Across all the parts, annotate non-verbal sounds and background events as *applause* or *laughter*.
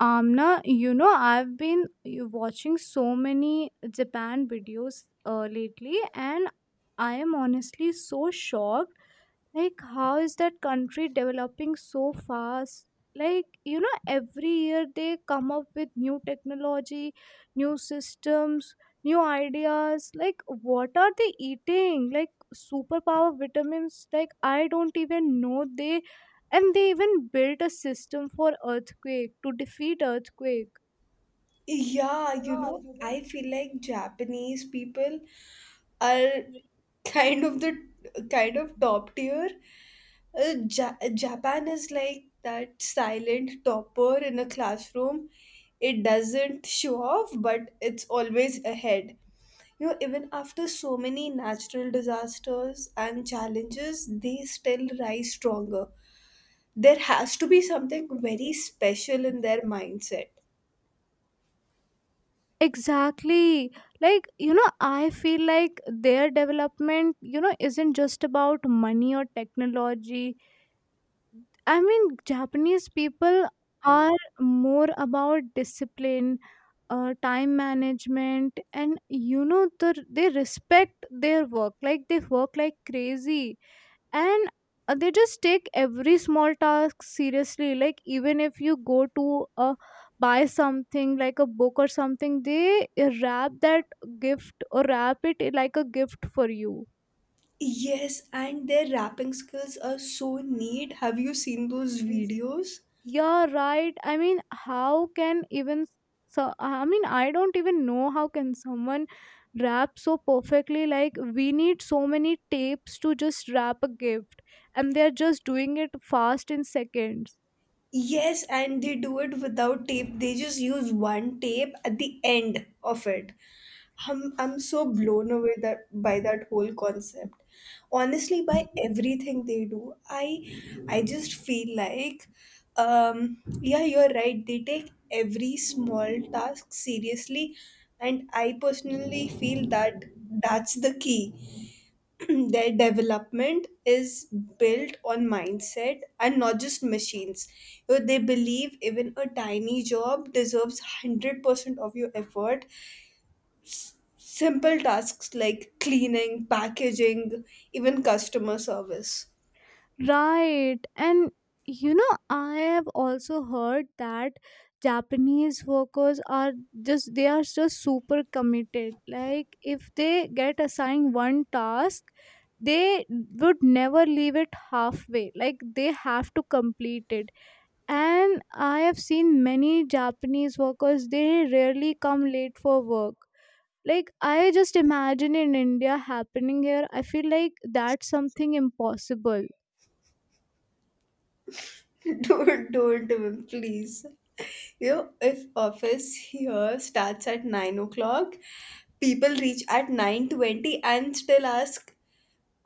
Amna, you know, I've been watching so many Japan videos lately, and I am honestly so shocked. Like how is that country developing so fast? Like you know every year they come up with new technology, new systems, new ideas. Like what are they eating? Like superpower vitamins? Like I don't even know they— and they even built a system for earthquake to defeat earthquake. Yeah, I feel like Japanese people are *laughs* kind of the kind of top tier. Japan is like that silent topper in a classroom. It doesn't show off, but it's always ahead. Even after so many natural disasters and challenges, they still rise stronger. There has to be something very special in their mindset. Exactly. Like you know I feel like their development you know isn't just about money or technology. I mean, Japanese people are more about discipline, time management, and you know, they respect their work. Like they work like crazy, and they just take every small task seriously. Like even if you go to buy something like a book or something, they wrap that gift, or wrap it like a gift for you. Yes, and their rapping skills are so neat. Have you seen those videos? You're right. I mean, how can even so? I mean, I don't even know how can someone wrap so perfectly. Like we need so many tapes to just wrap a gift, and they're just doing it fast in seconds. Yes, and they do it without tape. They just use one tape at the end of it. I'm so blown away that by that whole concept. Honestly, by everything they do, I just feel like yeah, you're right. They take every small task seriously, and I personally feel that that's the key. *clears throat* Their development is built on mindset and not just machines. They believe even a tiny job deserves 100% of your effort. Simple tasks like cleaning, packaging, even customer service. Right. And you know, I have also heard that Japanese workers are just, they are just super committed. Like, if they get assigned one task, they would never leave it halfway. Like, they have to complete it. And I have seen many Japanese workers, they rarely come late for work. Like, I just imagine in India happening here, I feel like that's something impossible. *laughs* Don't even, please. If office here starts at 9 o'clock, people reach at 9:20 and still ask,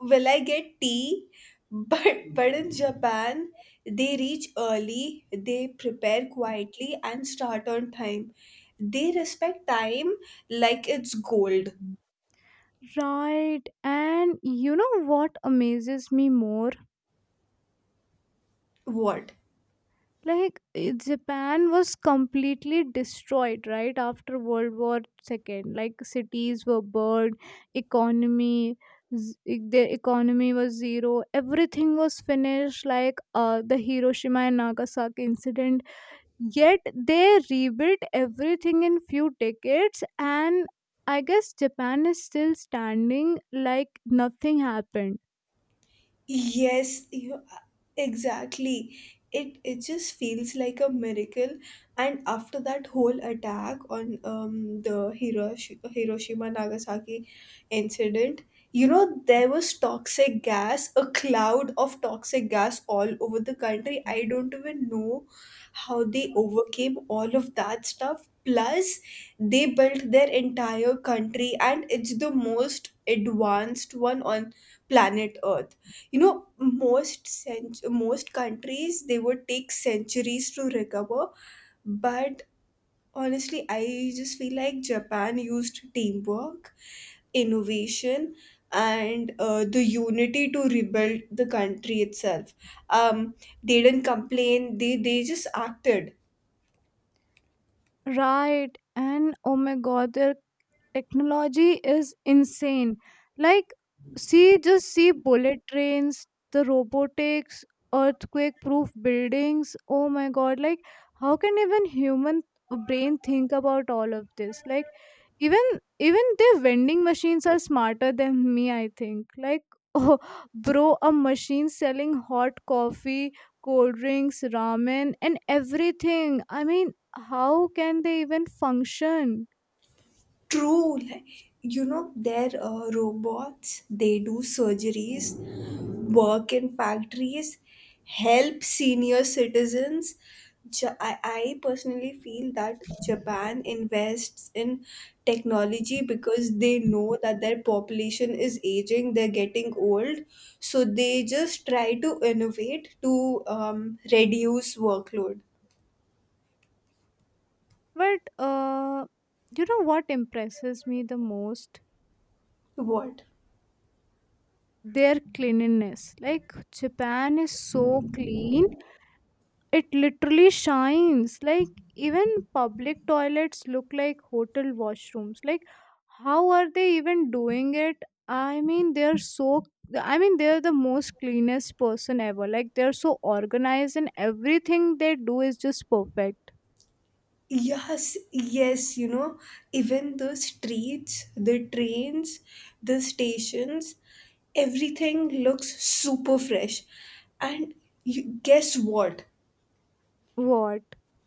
will I get tea? *laughs* But in Japan, they reach early, they prepare quietly and start on time. They respect time like it's gold. Right, and you know what amazes me more? What? Like eh, Japan was completely destroyed right after World War Second. Like cities were burned, economy, their economy was zero. Everything was finished, like the Hiroshima and Nagasaki incident. Yet they rebuilt everything in few decades, and I guess Japan is still standing like nothing happened. Yes, you exactly. It just feels like a miracle. And after that whole attack on the Hiroshima Nagasaki incident, there was toxic gas, a cloud of toxic gas all over the country. I don't even know how they overcame all of that stuff. Plus, they built their entire country, and it's the most advanced one on planet Earth. you know Most countries, they would take centuries to recover, but honestly I just feel like Japan used teamwork, innovation, and the unity to rebuild the country itself. um, they didn't complain, they just acted. Right, and oh my god, there technology is insane. Like, see, just see bullet trains, the robotics, earthquake proof buildings. Oh my god, like how can even human brain think about all of this? Like, even even their vending machines are smarter than me I think, like *laughs* oh bro, a machine selling hot coffee, cold drinks, ramen and everything. I mean how can they even function? True, like, their robots, they do surgeries, work in factories, help senior citizens. I personally feel that Japan invests in technology because they know that their population is aging, they're getting old. So they just try to innovate to reduce workload. But you know what impresses me the most? What? Their cleanliness. Like Japan is so clean, it literally shines. Like even public toilets look like hotel washrooms. Like how are they even doing it? I mean, they're so. I mean, they're the most cleanest person ever. Like they're so organized, and everything they do is just perfect. Yes, yes, even the streets, the trains, the stations, everything looks super fresh. And you, guess what? What?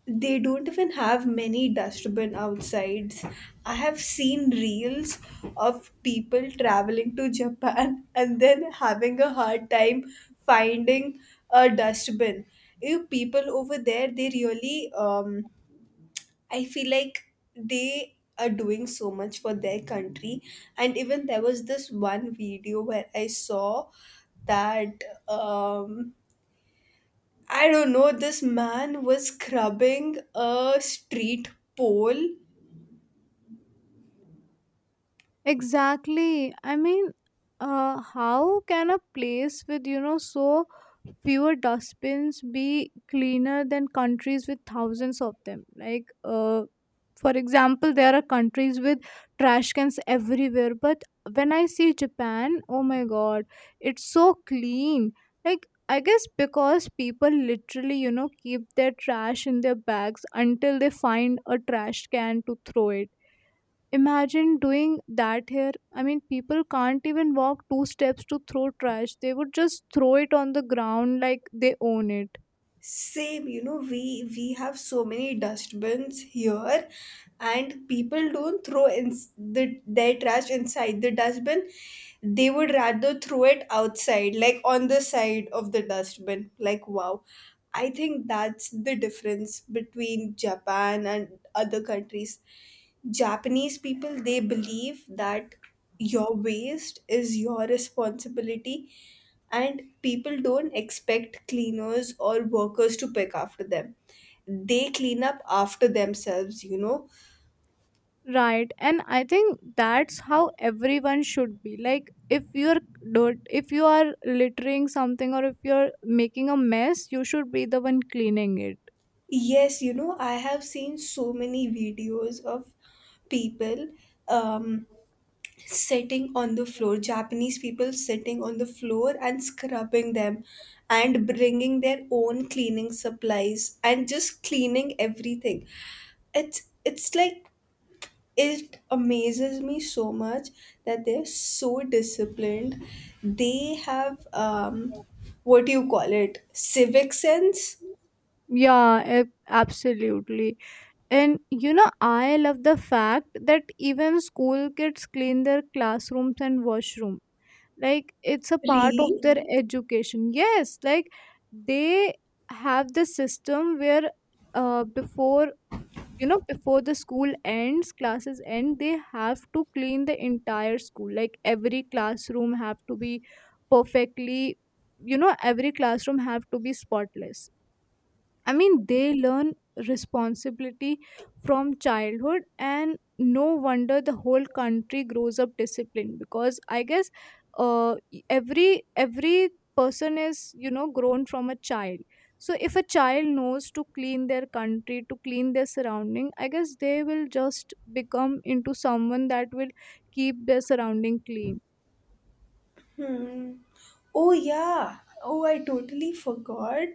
They don't even have many dustbin outsides. I have seen reels of people traveling to Japan *laughs* and then having a hard time finding a dustbin. You people over there, they really I feel like they are doing so much for their country. And even there was this one video where I saw that um, I don't know, this man was scrubbing a street pole. Exactly. I mean, how can a place with you know so fewer dustbins be cleaner than countries with thousands of them? Like, for example, there are countries with trash cans everywhere, but when I see Japan, oh my god, it's so clean. Like, I guess because people literally you know keep their trash in their bags until they find a trash can to throw it. Imagine doing that here. I mean, people can't even walk two steps to throw trash. They would just throw it on the ground like they own it. Same, we have so many dustbins here, and people don't throw in their trash inside the dustbin. They would rather throw it outside, like on the side of the dustbin. Like wow, I think that's the difference between Japan and other countries. Japanese people, they believe that your waste is your responsibility, and people don't expect cleaners or workers to pick after them. They clean up after themselves. Right. And I think that's how everyone should be. Like, if you're dirt, if you are littering something or if you're making a mess, you should be the one cleaning it. Yes, I have seen so many videos of people um sitting on the floor, Japanese people sitting on the floor and scrubbing them and bringing their own cleaning supplies and just cleaning everything. It's like it amazes me so much that they're so disciplined. They have what do you call it? Civic sense, Yeah, absolutely. And you know, I love the fact that even school kids clean their classrooms and washroom. Like it's a part of really? their education. Yes, like they have the system where before, you know, before the school ends, classes end, they have to clean the entire school. Like every classroom have to be perfectly, you know, every classroom have to be spotless. I mean, they learn responsibility from childhood, and no wonder the whole country grows up disciplined because I guess every person is you know grown from a child. So if a child knows to clean their country, to clean their surrounding, I guess they will just become into someone that will keep their surrounding clean. Hmm. Oh yeah. Oh, I totally forgot,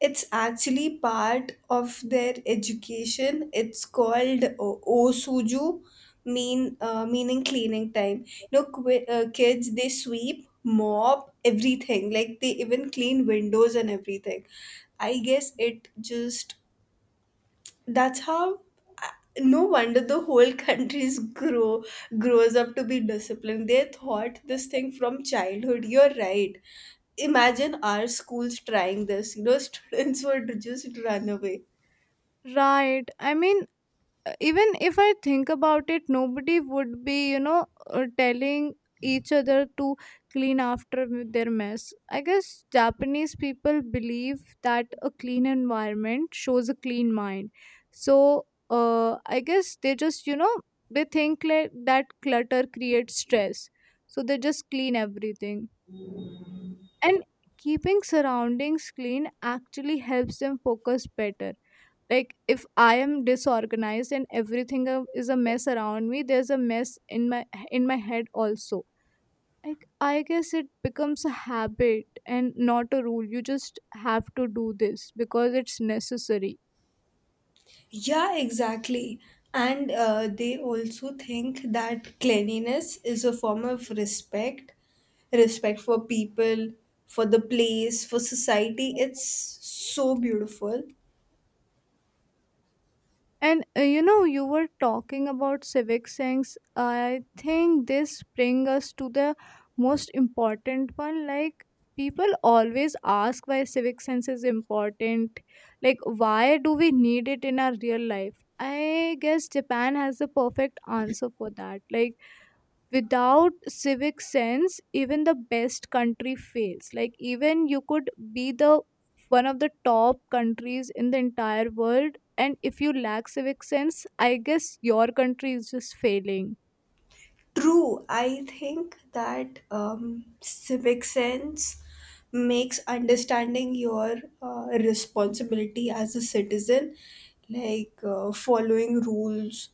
it's actually part of their education. It's called osuju, mean meaning cleaning time. Kids, they sweep, mop everything. Like they even clean windows and everything. I guess it just, that's how, no wonder the whole *laughs* countries grow grows up to be disciplined. They thought this thing from childhood, you're right. Imagine our schools trying this, *laughs* students would just run away. Right. I mean, even if I think about it, nobody would be you know telling each other to clean after their mess. I guess Japanese people believe that a clean environment shows a clean mind. So I guess they just you know they think like that clutter creates stress, so they just clean everything, and keeping surroundings clean actually helps them focus better. Like if I am disorganized and everything is a mess around me, there's a mess in my head also. Like I guess it becomes a habit and not a rule. You just have to do this because it's necessary. Yeah, exactly. And they also think that cleanliness is a form of respect, respect for people, for the place, for society. It's so beautiful. And you know, you were talking about civic sense. I think this brings us to the most important one. Like, people always ask why civic sense is important. Like, why do we need it in our real life? I guess Japan has the perfect answer for that. Like, without civic sense even the best country fails. Like, even you could be the one of the top countries in the entire world, and if you lack civic sense I guess your country is just failing. True, I think that civic sense makes understanding your responsibility as a citizen, like following rules,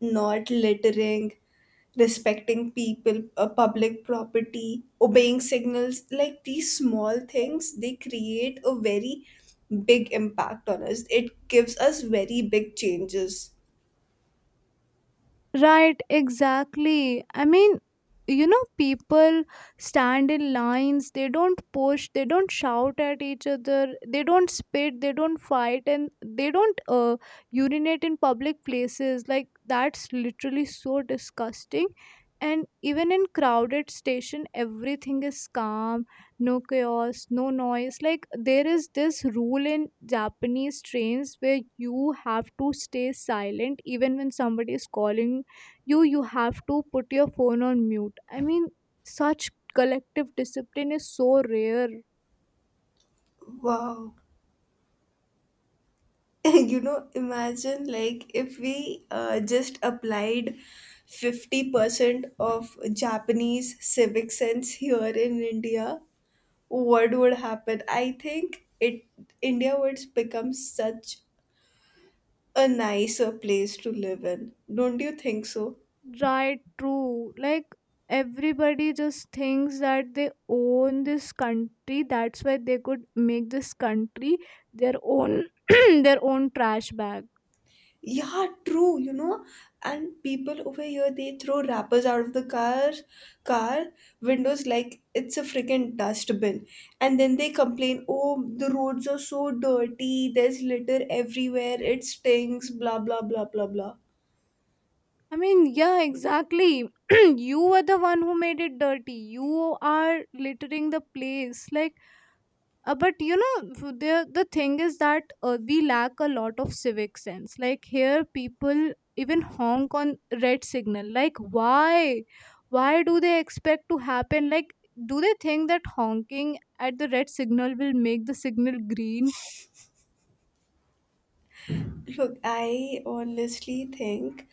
not littering, respecting people, public property, obeying signals. Like these small things, they create a very big impact on us. It gives us very big changes. Right, exactly. I mean, you know, people stand in lines, they don't push, they don't shout at each other, they don't spit, they don't fight, and they don't urinate in public places. Like, that's literally so disgusting. And even in crowded station, everything is calm, no chaos, no noise. Like there is this rule in Japanese trains where you have to stay silent even when somebody is calling you. You have to put your phone on mute. I mean such collective discipline is so rare. Wow. *laughs* Imagine, like, if we just applied 50% of Japanese civic sense here in India, what would happen? I think it India would become such a nicer place to live in, don't you think so? Right, true. Like everybody just thinks that they own this country, that's why they could make this country their own *clears throat* their own trash bag. Yeah, true. And people over here, they throw wrappers out of the car windows like it's a freaking dustbin. And then they complain, "Oh, the roads are so dirty. There's litter everywhere. It stinks, blah blah blah blah blah." I mean yeah, exactly. *clears throat* You were the one who made it dirty. You are littering the place. Like, but you know the thing is that we lack a lot of civic sense. Like here people even honk on red signal. Like why? Why do they expect to happen? Like do they think that honking at the red signal will make the signal green? Look, I honestly think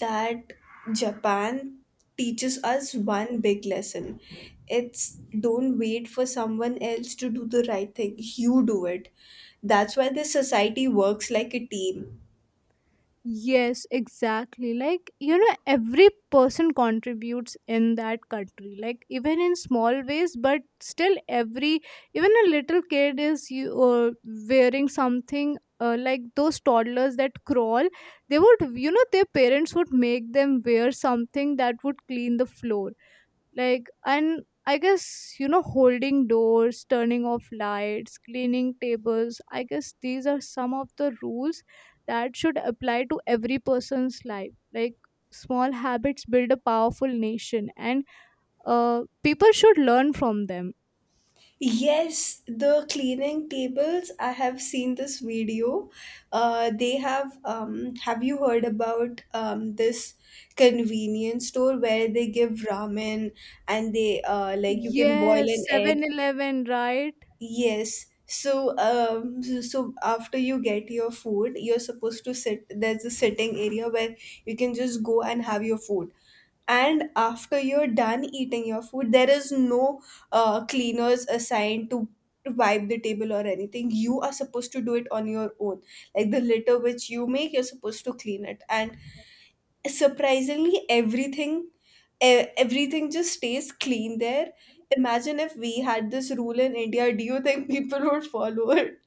that Japan teaches us one big lesson. It's don't wait for someone else to do the right thing. You do it. That's why this society works like a team. Yes, exactly. Like, you know, every person contributes in that country, like, even in small ways, but still, every even a little kid is you wearing something like those toddlers that crawl. They would, you know, their parents would make them wear something that would clean the floor. Like, and I guess you know holding doors, turning off lights, cleaning tables, I guess these are some of the rules that should apply to every person's life. Like small habits build a powerful nation, and people should learn from them. Yes, the cleaning tables, I have seen this video. They have you heard about this convenience store where they give ramen, and they like, you can boil Yes, an egg? 7-Eleven, right. Yes. So after you get your food, you're supposed to sit. There's a sitting area where you can just go and have your food. And after you're done eating your food, there is no cleaners assigned to wipe the table or anything. You are supposed to do it on your own. Like the litter which you make, you're supposed to clean it. And surprisingly everything just stays clean there. Imagine if we had this rule in India, do you think people would follow it?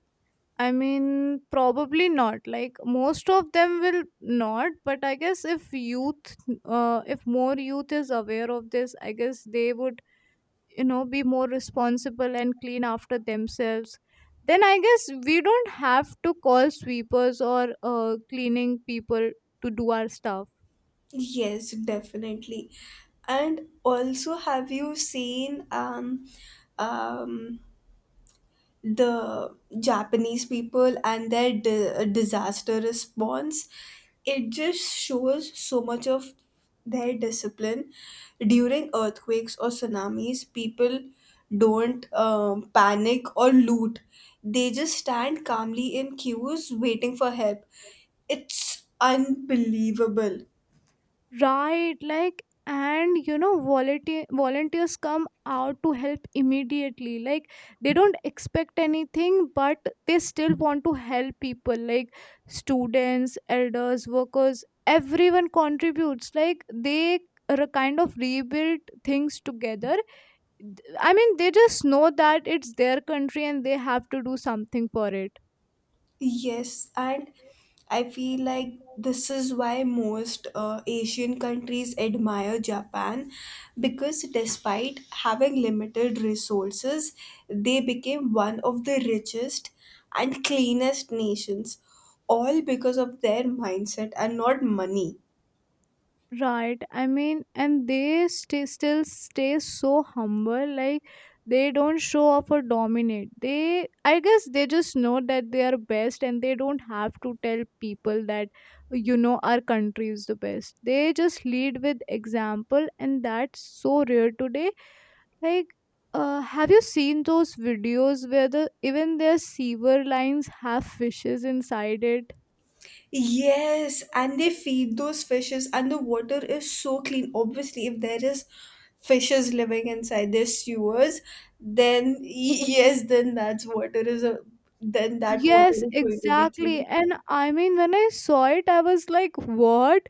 I mean, probably not. Like most of them will not, but I guess if youth, if more youth is aware of this, I guess they would you know be more responsible and clean after themselves. Then I guess we don't have to call sweepers or cleaning people to do our stuff. Yes, definitely. And also have you seen um the Japanese people and their disaster response? It just shows so much of their discipline. During earthquakes or tsunamis, people don't panic or loot. They just stand calmly in queues waiting for help. It's unbelievable. Right, like, and you know volunteers come out to help immediately. Like they don't expect anything but they still want to help people. Like students, elders, workers, everyone contributes. Like they kind of rebuild things together. I mean, they just know that it's their country and they have to do something for it. Yes, and I feel like this is why most Asian countries admire Japan, because despite having limited resources, they became one of the richest and cleanest nations, all because of their mindset and not money. Right. I mean, and they stay, still stay so humble. Like, they don't show off or dominate. They, I guess, they just know that they are best and they don't have to tell people that, you know, our country is the best. They just lead with example, and that's so rare today. Like, have you seen those videos where the even their sewer lines have fishes inside it? Yes, and they feed those fishes, and the water is so clean. Obviously, if there is fishes living inside their sewers, then yes, then that's water is a then that water Yes, is going to be exactly. clean. And I mean, when I saw it, I was like, what?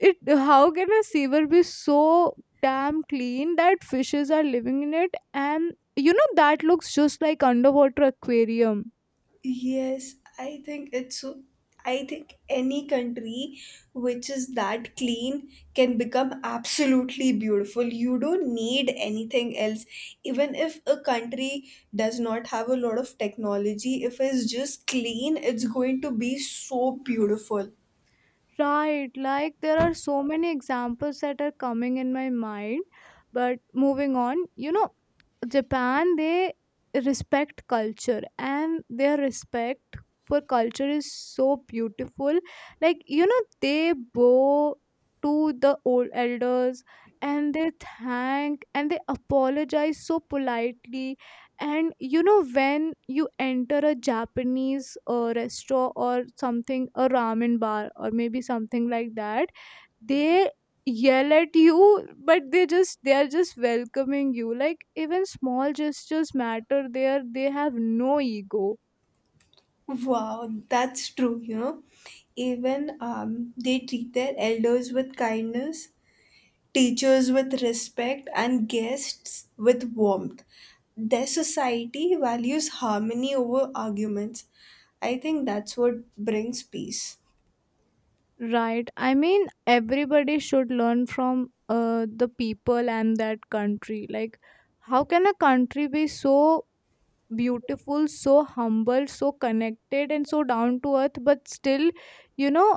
It how can a sewer be so damn clean that fishes are living in it? And you know, that looks just like underwater aquarium. Yes, I think it's so. I think any country which is that clean can become absolutely beautiful. You don't need anything else. Even if a country does not have a lot of technology, if it's just clean, it's going to be so beautiful. Right, like there are so many examples that are coming in my mind. But moving on, you know, Japan they respect culture and their respect for culture is so beautiful. Like you know they bow to the old elders, and they thank and they apologize so politely. And you know when you enter a Japanese restaurant or something, a ramen bar or maybe something like that, they yell at you, but they just they are just welcoming you. Like even small gestures matter there. They have no ego. Wow, that's true. Even they treat their elders with kindness, teachers with respect, and guests with warmth. Their society values harmony over arguments. I think that's what brings peace. Right, I mean everybody should learn from the people and that country. Like how can a country be so beautiful, so humble, so connected and so down to earth but still you know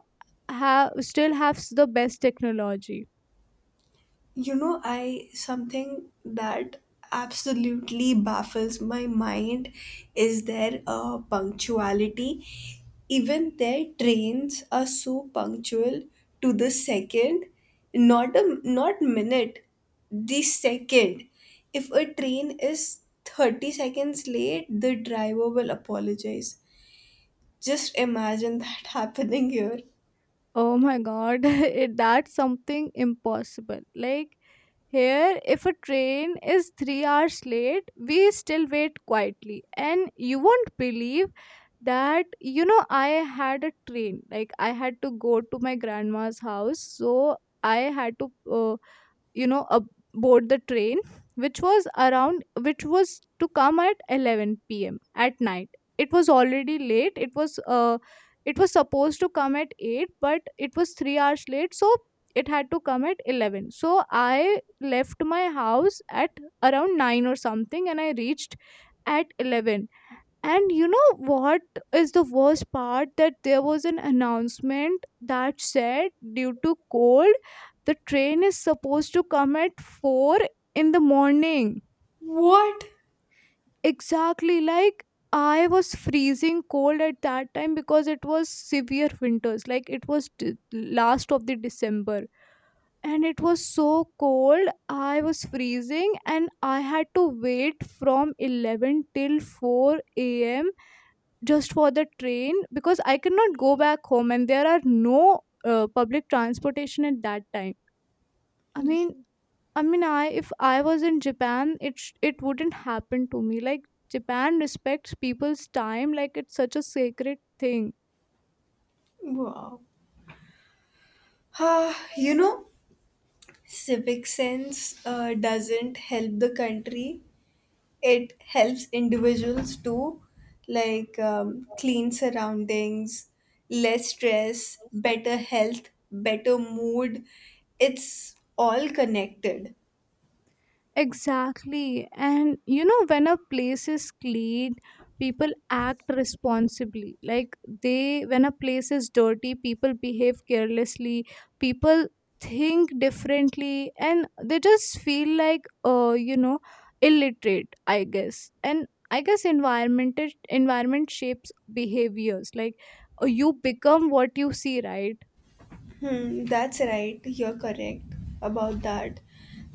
have still has the best technology? I Something that absolutely baffles my mind is their punctuality. Even their trains are so punctual to the second, not minute, the second. If a train is 30 seconds late, the driver will apologize. Just imagine that *laughs* happening here. Oh my god, *laughs* that's something impossible. Like here, if a train is 3 hours late, we still wait quietly. And you won't believe that, I had a train. Like I had to go to my grandma's house. So I had to aboard the train which was to come at 11 p.m. at night. It was already late. It was supposed to come at 8, but it was 3 hours late, so it had to come at 11. So I left my house at around 9 or something, and I reached at 11. And you know what is the worst part? That there was an announcement that said, due to cold, the train is supposed to come at 4 in the morning. What? Exactly. Like, I was freezing cold at that time because it was severe winters. Like, it was last of the December. And it was so cold, I was freezing, and I had to wait from 11 till 4 a.m. just for the train because I cannot go back home and there are no public transportation at that time. I mean, I mean, I if I was in Japan, it wouldn't happen to me. Like Japan respects people's time, like it's such a sacred thing. Wow. Ah, civic sense doesn't help the country, it helps individuals too. Like clean surroundings, less stress, better health, better mood. It's all connected. Exactly. And you know, when a place is clean, people act responsibly. Like they, when a place is dirty, people behave carelessly, people think differently, and they just feel like, illiterate, I guess. And I guess environment shapes behaviors. Like you become what you see, right? Hmm, that's right. You're correct about that.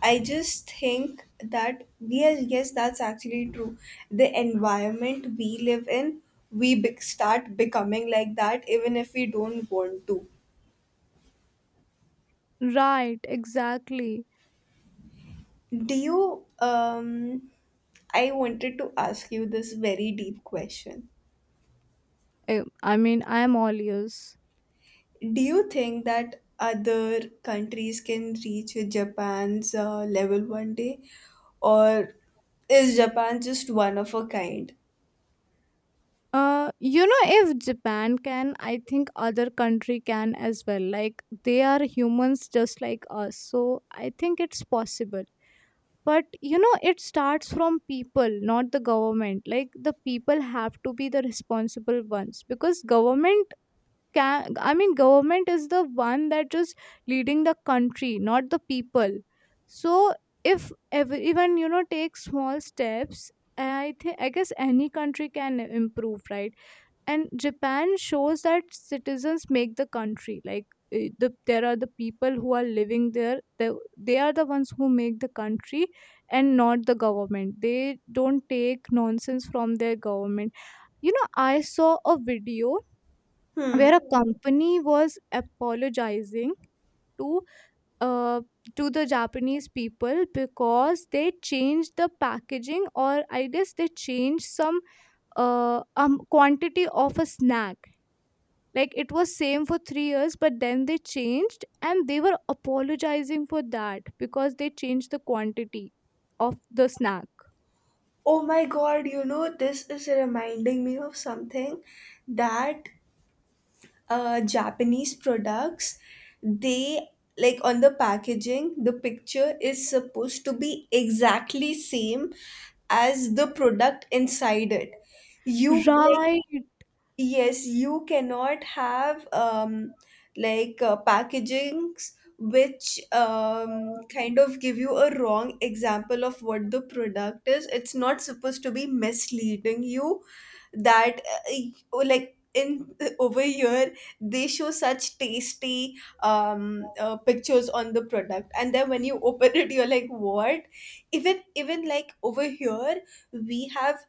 I just think that, yes, yes, that's actually true. The environment we live in, we start becoming like that, even if we don't want to. Right, exactly. Do you? I wanted to ask you this very deep question. I mean, I am all ears. Do you think that other countries can reach Japan's level one day, or is Japan just one of a kind? If Japan can, I think other country can as well. Like they are humans just like us, so I think it's possible. But it starts from people, not the government. Like the people have to be the responsible ones because government can. I mean, government is the one that just leading the country, not the people. So if even take small steps, I think I guess any country can improve, right? And Japan shows that citizens make the country. Like there are the people who are living there. They are the ones who make the country and not the government. They don't take nonsense from their government. I saw a video Hmm. where a company was apologizing to uh, to the Japanese people because they changed the packaging, or I guess they changed some quantity of a snack. Like, it was same for 3 years, but then they changed, and they were apologizing for that because they changed the quantity of the snack. Oh my God, this is reminding me of something that Japanese products, they, like, on the packaging, the picture is supposed to be exactly same as the product inside it. You like, Yes, you cannot have like packagings which Right. kind of give you a wrong example of what the product is. It's not supposed to be misleading you, that uh, oh, like in *laughs* over here they show such tasty pictures on the product, and then when you *laughs* open it you're like what. Even like over here we have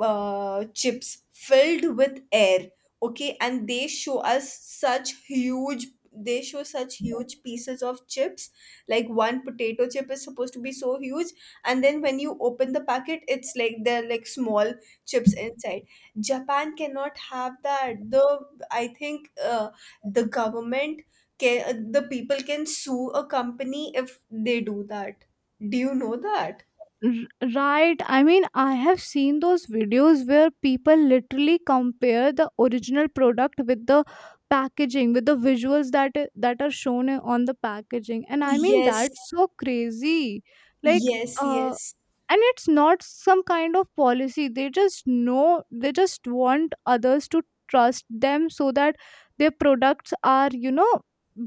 chips filled with air, okay, and they show us such huge they show such huge pieces of chips. Like one potato chip is supposed to be so huge, and then when you open the packet it's like they're like small chips inside. Japan cannot have that. The I think the government the people can sue a company if they do that. Do you know that? Right, I mean, I have seen those videos where people literally compare the original product with the packaging, with the visuals that are shown on the packaging, and I mean Yes, that's so crazy. Like, yes, uh yes. and it's not some kind of policy. They just know, they just want others to trust them so that their products are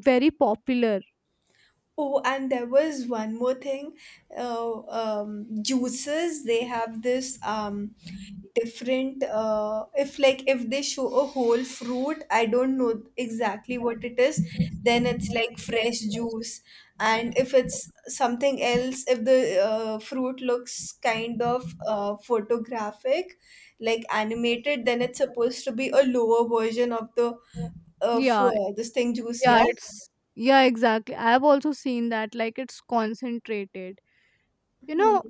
very popular. Oh, and there was one more thing. Juices, they have this different. If, they show a whole fruit, I don't know exactly what it is. Then it's like fresh juice, and if it's something else, if the fruit looks kind of photographic, like animated, then it's supposed to be a lower version of the Yeah. This thing juice. Yeah, Yeah. it's yeah, exactly. I've also seen that like it's concentrated. You Hmm. know,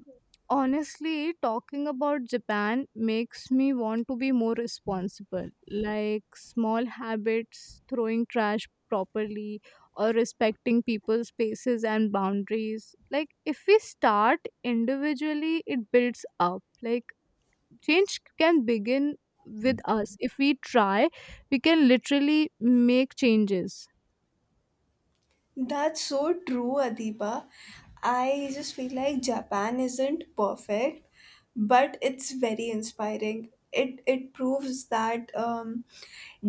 honestly, talking about Japan makes me want to be more responsible. Like small habits, throwing trash properly or respecting people's spaces and boundaries. Like if we start individually, it builds up. Like change can begin with us. If we try, we can literally make changes. That's so true, Adiba. I just feel like Japan isn't perfect, but it's very inspiring. It proves that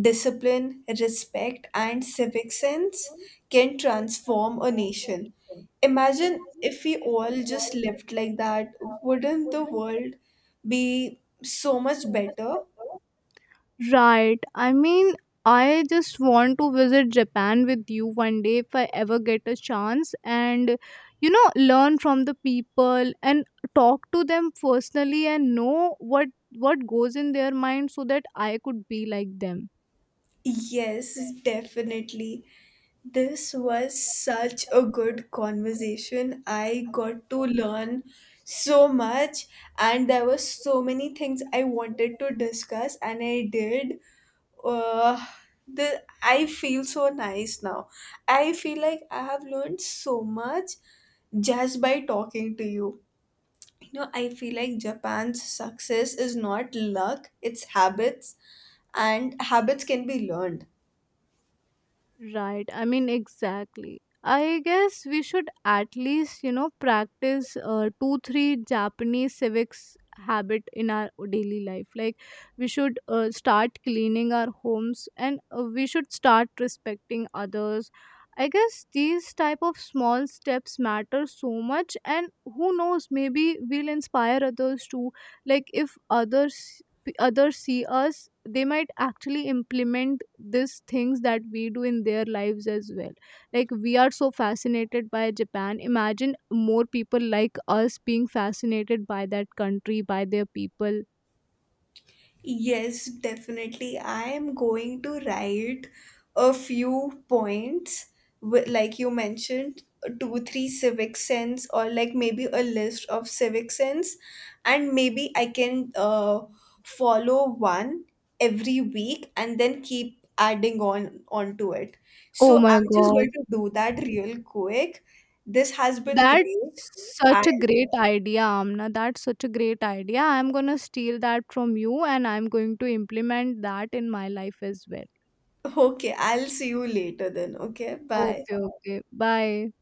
discipline, respect, and civic sense can transform a nation. Imagine if we all just lived like that, wouldn't the world be so much better? Right. I mean, I just want to visit Japan with you one day if I ever get a chance and, learn from the people and talk to them personally and know what goes in their mind so that I could be like them. Yes, definitely. This was such a good conversation. I got to learn so much, and there were so many things I wanted to discuss, and I did. Uh, the I feel so nice now. I feel like I have learned so much just by talking to you. I feel like Japan's success is not luck, it's habits, and habits can be learned. Right. I mean, exactly. I guess we should at least, practice two, three Japanese civics habit in our daily life. Like, we should start cleaning our homes, and we should start respecting others. I guess these type of small steps matter so much, and who knows, maybe we'll inspire others too. Like, if others see us, they might actually implement these things that we do in their lives as well. Like, we are so fascinated by Japan. Imagine more people like us being fascinated by that country, by their people. Yes, definitely. I am going to write a few points, like you mentioned, two, three civic sense, or like maybe a list of civic sense, and maybe I can follow one every week and then keep adding on onto it. So Oh my I'm just god, going to do that real quick. This has been that's great. I such a great idea, Amna. That's such a great idea. I'm going to steal that from you, and I'm going to implement that in my life as well. *laughs* okay. I'll see you later then. Okay, bye. Okay. Okay, bye.